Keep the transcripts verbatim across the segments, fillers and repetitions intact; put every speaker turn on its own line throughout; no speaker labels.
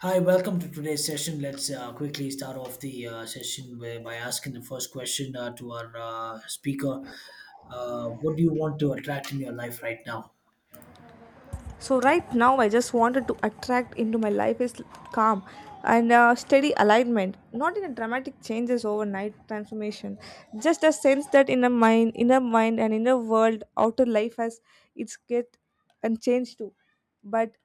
Hi, welcome to today's session. Let's uh, quickly start off the uh, session by, by asking the first question uh, to our uh, speaker. Uh, what do you want to attract in your life right now?
So right now I just wanted to attract into my life is calm and uh, steady alignment, not in a dramatic changes, overnight transformation, just a sense that in a mind, inner mind and inner world, outer life has its get and change too. But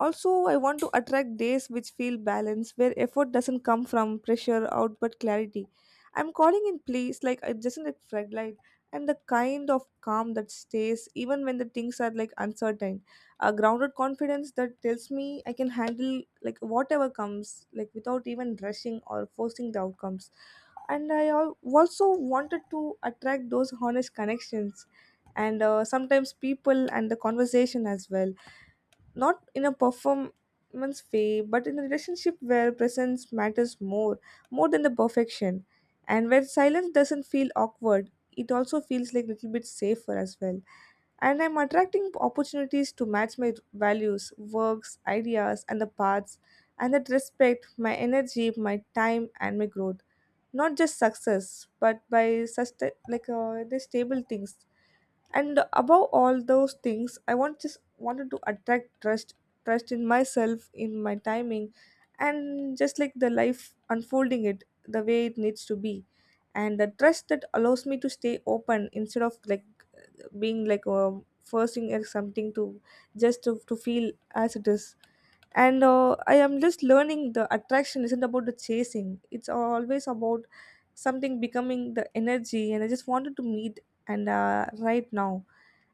also, I want to attract days which feel balanced, where effort doesn't come from pressure out but clarity. I'm calling in place like it doesn't like red light, and the kind of calm that stays even when the things are like uncertain. A grounded confidence that tells me I can handle like whatever comes, like without even rushing or forcing the outcomes. And I al- also wanted to attract those honest connections, and uh, sometimes people and the conversation as well, not in a performance way but in a relationship where presence matters more more than the perfection, and where silence doesn't feel awkward, it also feels like a little bit safer as well. And I'm attracting opportunities to match my values, works, ideas and the paths, and that respect my energy, my time and my growth, not just success but by sustain like uh, the stable things. And above all those things, I want just wanted to attract trust. Trust in myself, in my timing, and just like the life unfolding it the way it needs to be, and the trust that allows me to stay open instead of like being like um, forcing at something to just to, to feel as it is. And uh, I am just learning the attraction isn't about the chasing, it's always about something becoming the energy and I just wanted to meet. And uh, right now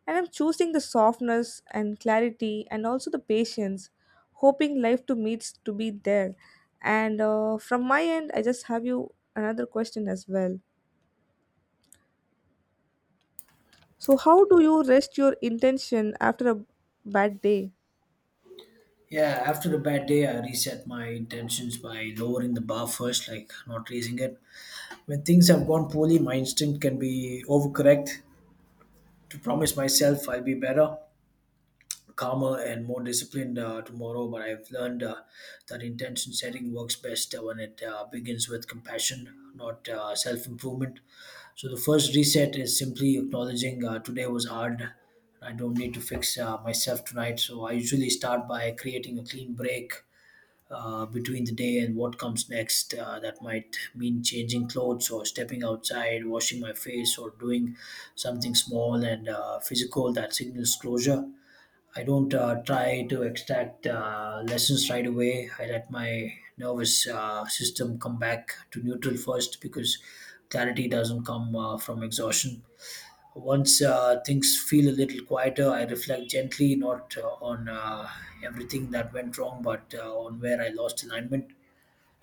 and I'm choosing the softness and clarity and also the patience, hoping life to meets to be there. And uh, from my end, I just have you another question as well. So, how do you rest your intention after a bad day?
Yeah, after a bad day, I reset my intentions by lowering the bar first, like not raising it. When things have gone poorly, my instinct can be overcorrect to promise myself I'll be better. Calmer and more disciplined uh, tomorrow, but I've learned uh, that intention setting works best uh, when it uh, begins with compassion, not uh, self improvement. So the first reset is simply acknowledging uh, today was hard. I don't need to fix uh, myself tonight. So I usually start by creating a clean break uh, between the day and what comes next. Uh, that might mean changing clothes or stepping outside, washing my face, or doing something small and uh, physical that signals closure. I don't uh, try to extract uh, lessons right away. I let my nervous uh, system come back to neutral first, because clarity doesn't come uh, from exhaustion. Once uh, things feel a little quieter, I reflect gently, not uh, on uh, everything that went wrong, but uh, on where I lost alignment.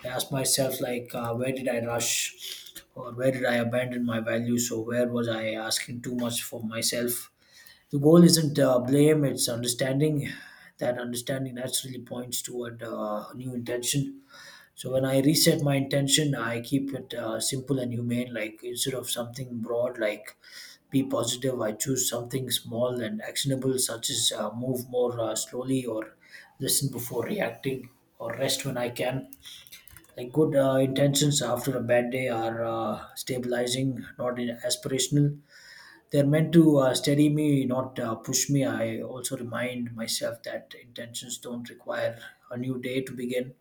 I ask myself, like, uh, where did I rush, or where did I abandon my values, or where was I asking too much for myself? The goal isn't uh, blame, it's understanding. That understanding naturally points toward uh, a new intention. So when I reset my intention, I keep it uh, simple and humane. Like instead of something broad, like be positive, I choose something small and actionable, such as uh, move more uh, slowly, or listen before reacting, or rest when I can. Like good uh, intentions after a bad day are uh, stabilizing, not in- aspirational. They're meant to uh, steady me, not uh, push me. I also remind myself that intentions don't require a new day to begin.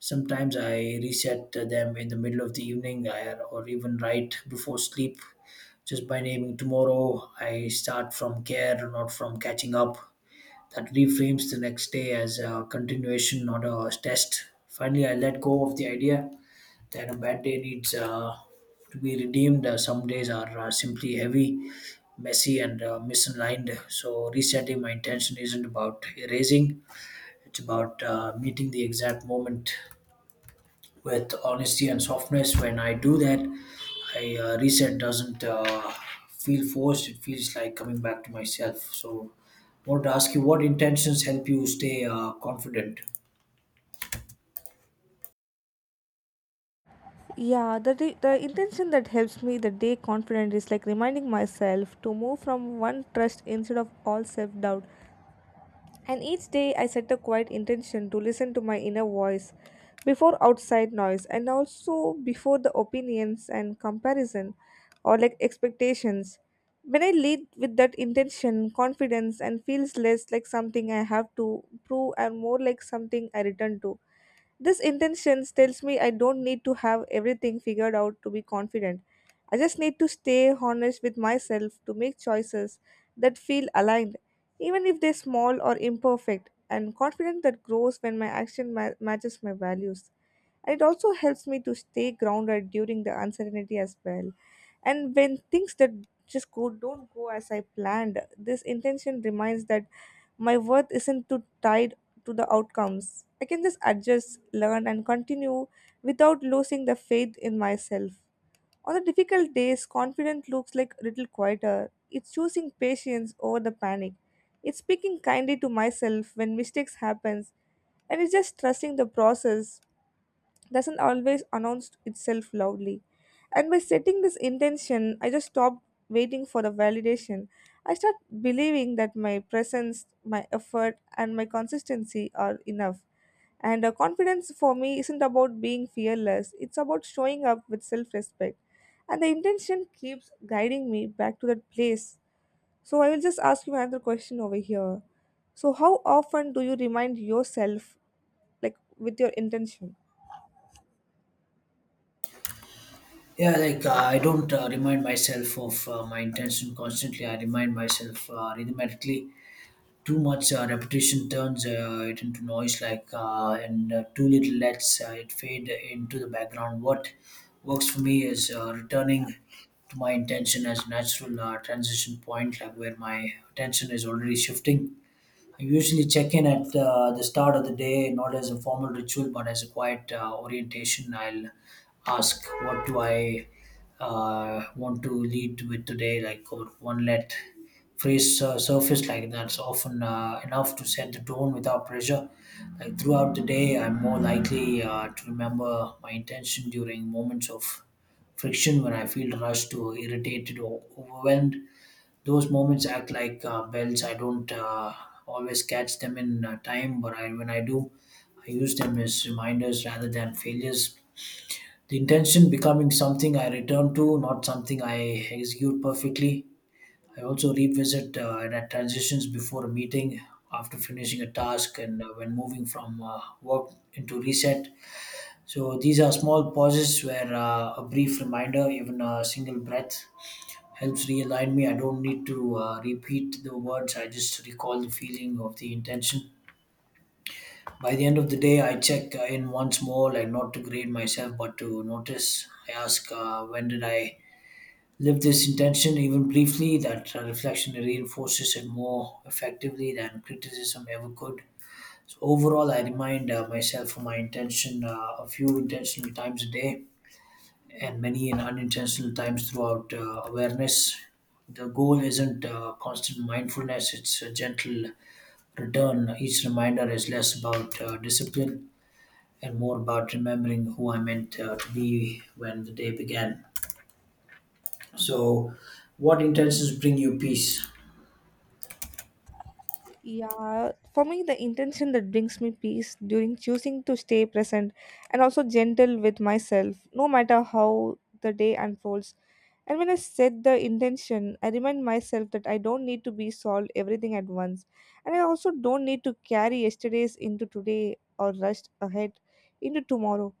Sometimes I reset them in the middle of the evening, I- or even right before sleep. Just by naming tomorrow, I start from care, not from catching up. That reframes the next day as a continuation, not a test. Finally, I let go of the idea that a bad day needs uh, to be redeemed. Uh, some days are uh, simply heavy, messy, and uh, misaligned. So resetting my intention isn't about erasing; it's about uh, meeting the exact moment with honesty and softness. When I do that, I uh, reset doesn't uh, feel forced. It feels like coming back to myself. So, I want to ask you, what intentions help you stay uh, confident?
Yeah, the, day, the intention that helps me the day confident is like reminding myself to move from one trust instead of all self doubt. And each day I set a quiet intention to listen to my inner voice before outside noise and also before the opinions and comparison or like expectations. When I lead with that intention, confidence and feels less like something I have to prove and more like something I return to. This intentions tells me I don't need to have everything figured out to be confident. I just need to stay honest with myself to make choices that feel aligned, even if they're small or imperfect, and confident that grows when my action ma- matches my values, and it also helps me to stay grounded during the uncertainty as well. And when things that just go don't go as I planned, this intention reminds that my worth isn't too tied to the outcomes. I can just adjust, learn and continue without losing the faith in myself. On the difficult days, confidence looks like a little quieter. It's choosing patience over the panic. It's speaking kindly to myself when mistakes happens, and it's just trusting the process doesn't always announce itself loudly. And by setting this intention, I just stopped waiting for the validation. I start believing that my presence, my effort, and my consistency are enough. And uh, confidence for me isn't about being fearless, it's about showing up with self respect. And the intention keeps guiding me back to that place. So I will just ask you another question over here. So, how often do you remind yourself, like with your intention?
Yeah, like uh, I don't uh, remind myself of uh, my intention constantly. I remind myself uh, rhythmically. Too much uh, repetition turns uh, it into noise, like uh, and uh, too little lets uh, it fade into the background. What works for me is uh, returning to my intention as a natural uh, transition point, like where my attention is already shifting. I usually check in at uh, the start of the day, not as a formal ritual, but as a quiet uh, orientation. I'll ask, what do I uh, want to lead with today? Like, or one let phrase uh, surface, like that's often uh, enough to set the tone without pressure. Like throughout the day, I'm more likely uh, to remember my intention during moments of friction, when I feel rushed or irritated or overwhelmed. Those moments act like uh, bells. I don't uh, always catch them in uh, time, but I, when I do, I use them as reminders rather than failures. The intention becoming something I return to, not something I execute perfectly. I also revisit uh, and at transitions, before a meeting, after finishing a task, and uh, when moving from uh, work into reset. So these are small pauses where uh, a brief reminder, even a single breath, helps realign me. I don't need to uh, repeat the words, I just recall the feeling of the intention. By the end of the day, I check uh, in once more, like not to grade myself, but to notice. I ask, uh, when did I live this intention, even briefly? That uh, reflection reinforces it more effectively than criticism ever could. So, overall, I remind uh, myself of my intention uh, a few intentional times a day, and many in unintentional times throughout uh, awareness. The goal isn't uh, constant mindfulness, it's a gentle return. Each reminder is less about uh, discipline and more about remembering who I meant uh, to be when the day began. So, what intentions bring you peace?
Yeah, for me, the intention that brings me peace during choosing to stay present and also gentle with myself, no matter how the day unfolds. And when I set the intention, I remind myself that I don't need to be solved everything at once. And I also don't need to carry yesterday's into today or rush ahead into tomorrow.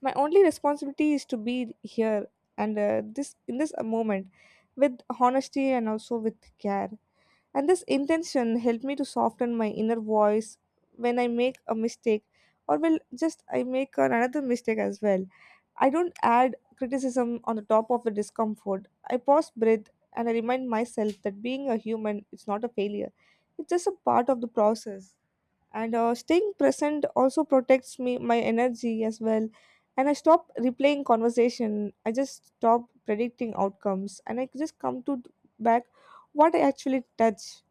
My only responsibility is to be here and uh, this in this moment with honesty and also with care, and this intention helped me to soften my inner voice when I make a mistake or will just I make another mistake as well. I don't add criticism on the top of the discomfort. I pause, breathe, and I remind myself that being a human is not a failure. It's just a part of the process. And uh, staying present also protects me my energy as well. And I stop replaying conversation. I just stop predicting outcomes, and I just come to back what I actually touch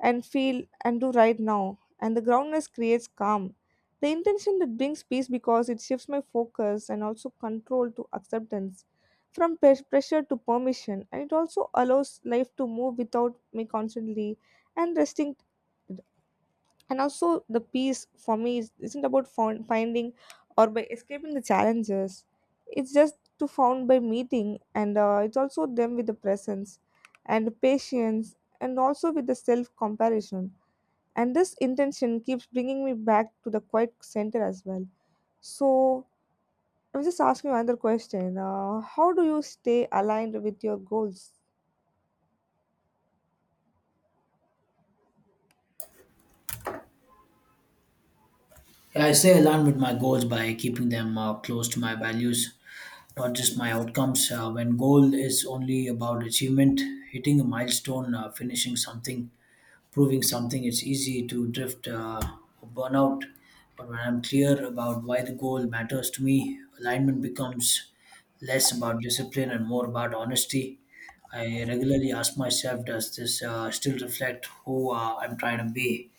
and feel and do right now. And the groundness creates calm. The intention that brings peace because it shifts my focus and also control to acceptance, from pres- pressure to permission, and it also allows life to move without me constantly and resting. And also, the peace for me is, isn't about found, finding or by escaping the challenges. It's just to found by meeting, and uh, it's also them with the presence and patience, and also with the self comparison, and this intention keeps bringing me back to the quiet center as well. So I'm just asking you another question. Uh, how do you stay aligned with your goals?
Yeah, I stay aligned with my goals by keeping them uh, close to my values, not just my outcomes. Uh, when goal is only about achievement, hitting a milestone, uh, finishing something, proving something, it's easy to drift uh, or burn out. But when I'm clear about why the goal matters to me, alignment becomes less about discipline and more about honesty. I regularly ask myself, does this uh, still reflect who uh, I'm trying to be?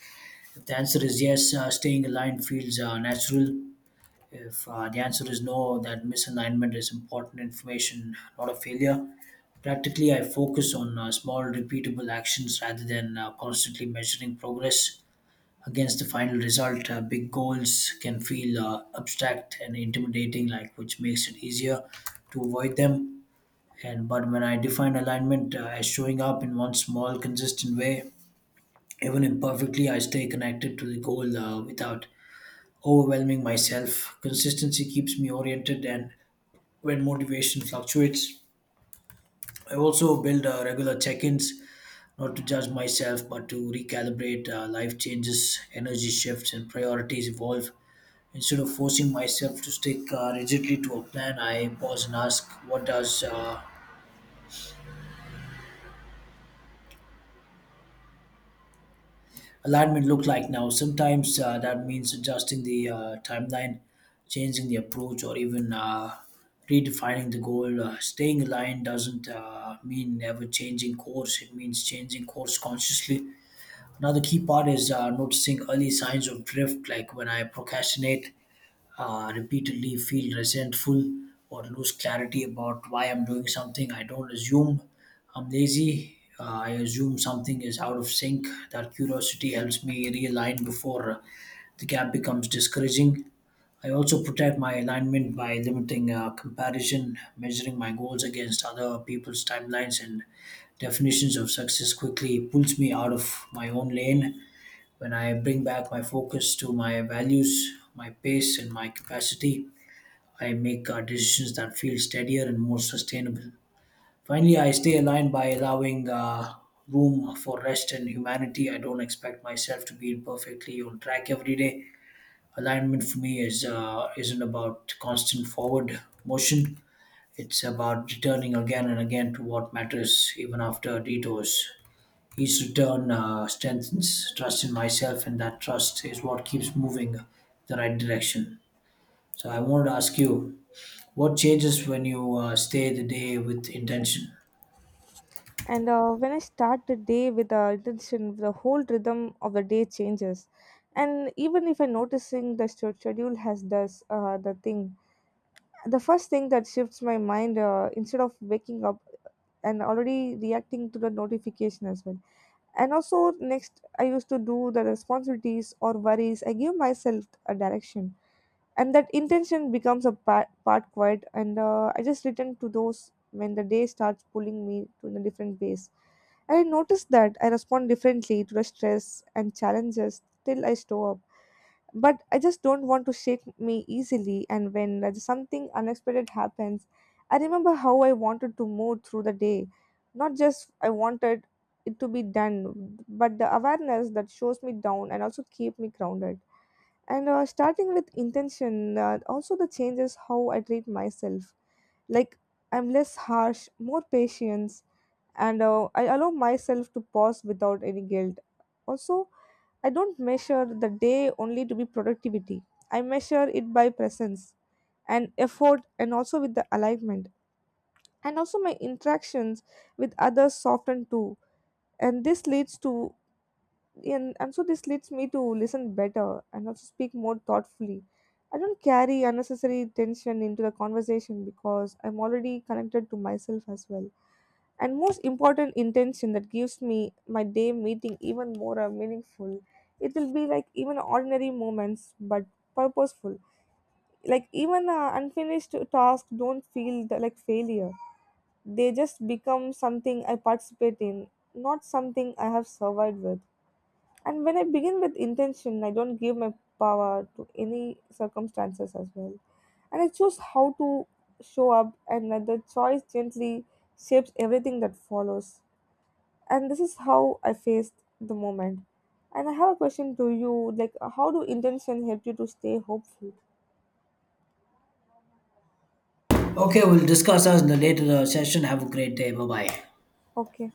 If the answer is yes, uh, staying aligned feels uh, natural. If uh, the answer is no, that misalignment is important information, not a failure. Practically, I focus on uh, small, repeatable actions rather than uh, constantly measuring progress against the final result. Uh, big goals can feel uh, abstract and intimidating, like which makes it easier to avoid them. And but when I define alignment uh, as showing up in one small, consistent way, even imperfectly, I stay connected to the goal uh, without overwhelming myself. Consistency keeps me oriented, and when motivation fluctuates, I also build uh, regular check ins, not to judge myself, but to recalibrate. Uh, life changes, energy shifts, and priorities evolve. Instead of forcing myself to stick uh, rigidly to a plan, I pause and ask, what does uh, alignment look like now? Sometimes uh, that means adjusting the uh, timeline, changing the approach, or even uh, redefining the goal. Uh, staying aligned doesn't uh, mean never changing course, it means changing course consciously. Another key part is uh, noticing early signs of drift, like when I procrastinate, uh, repeatedly feel resentful, or lose clarity about why I'm doing something. I don't assume I'm lazy. Uh, I assume something is out of sync. That curiosity helps me realign before uh, the gap becomes discouraging. I also protect my alignment by limiting uh, comparison. Measuring my goals against other people's timelines and definitions of success quickly pulls me out of my own lane. When I bring back my focus to my values, my pace, and my capacity, I make uh, decisions that feel steadier and more sustainable. Finally, I stay aligned by allowing uh, room for rest and humanity. I don't expect myself to be perfectly on track every day. Alignment for me is uh, isn't about constant forward motion, it's about returning again and again to what matters, even after detours. Each return uh, strengthens trust in myself, and that trust is what keeps moving the right direction. So, I wanted to ask you, what changes when you uh, stay the day with intention?
And uh, when I start the day with the intention, the whole rhythm of the day changes. And even if I'm noticing the stu- schedule has this uh, the thing, the first thing that shifts my mind uh, instead of waking up and already reacting to the notification as well. And also, next, I used to do the responsibilities or worries. I give myself a direction, and that intention becomes a part, part quiet. And uh, I just return to those when the day starts pulling me to the different ways. I noticed that I respond differently to the stress and challenges till I store up, but I just don't want to shake me easily. And when there's something unexpected happens, I remember how I wanted to move through the day. Not just I wanted it to be done, but the awareness that shows me down and also keep me grounded. And uh, starting with intention, uh, also the changes how I treat myself. Like I'm less harsh, more patience, and uh, I allow myself to pause without any guilt. Also, I don't measure the day only to be productivity. I measure it by presence and effort and also with the alignment. And also my interactions with others soften too. And this leads to and, and so this leads me to listen better and also speak more thoughtfully. I don't carry unnecessary tension into the conversation because I'm already connected to myself as well, and most important intention that gives me my day meeting even more uh, meaningful, it will be like even ordinary moments but purposeful, like even uh, unfinished tasks don't feel the, like failure, they just become something I participate in, not something I have survived with. And when I begin with intention, I don't give my power to any circumstances as well, and I choose how to show up, and that the choice gently shapes everything that follows, and this is how I faced the moment. And I have a question to you like, how do intention help you to stay hopeful?
Okay, we'll discuss us in the later uh, session. Have a great day. Bye bye.
Okay.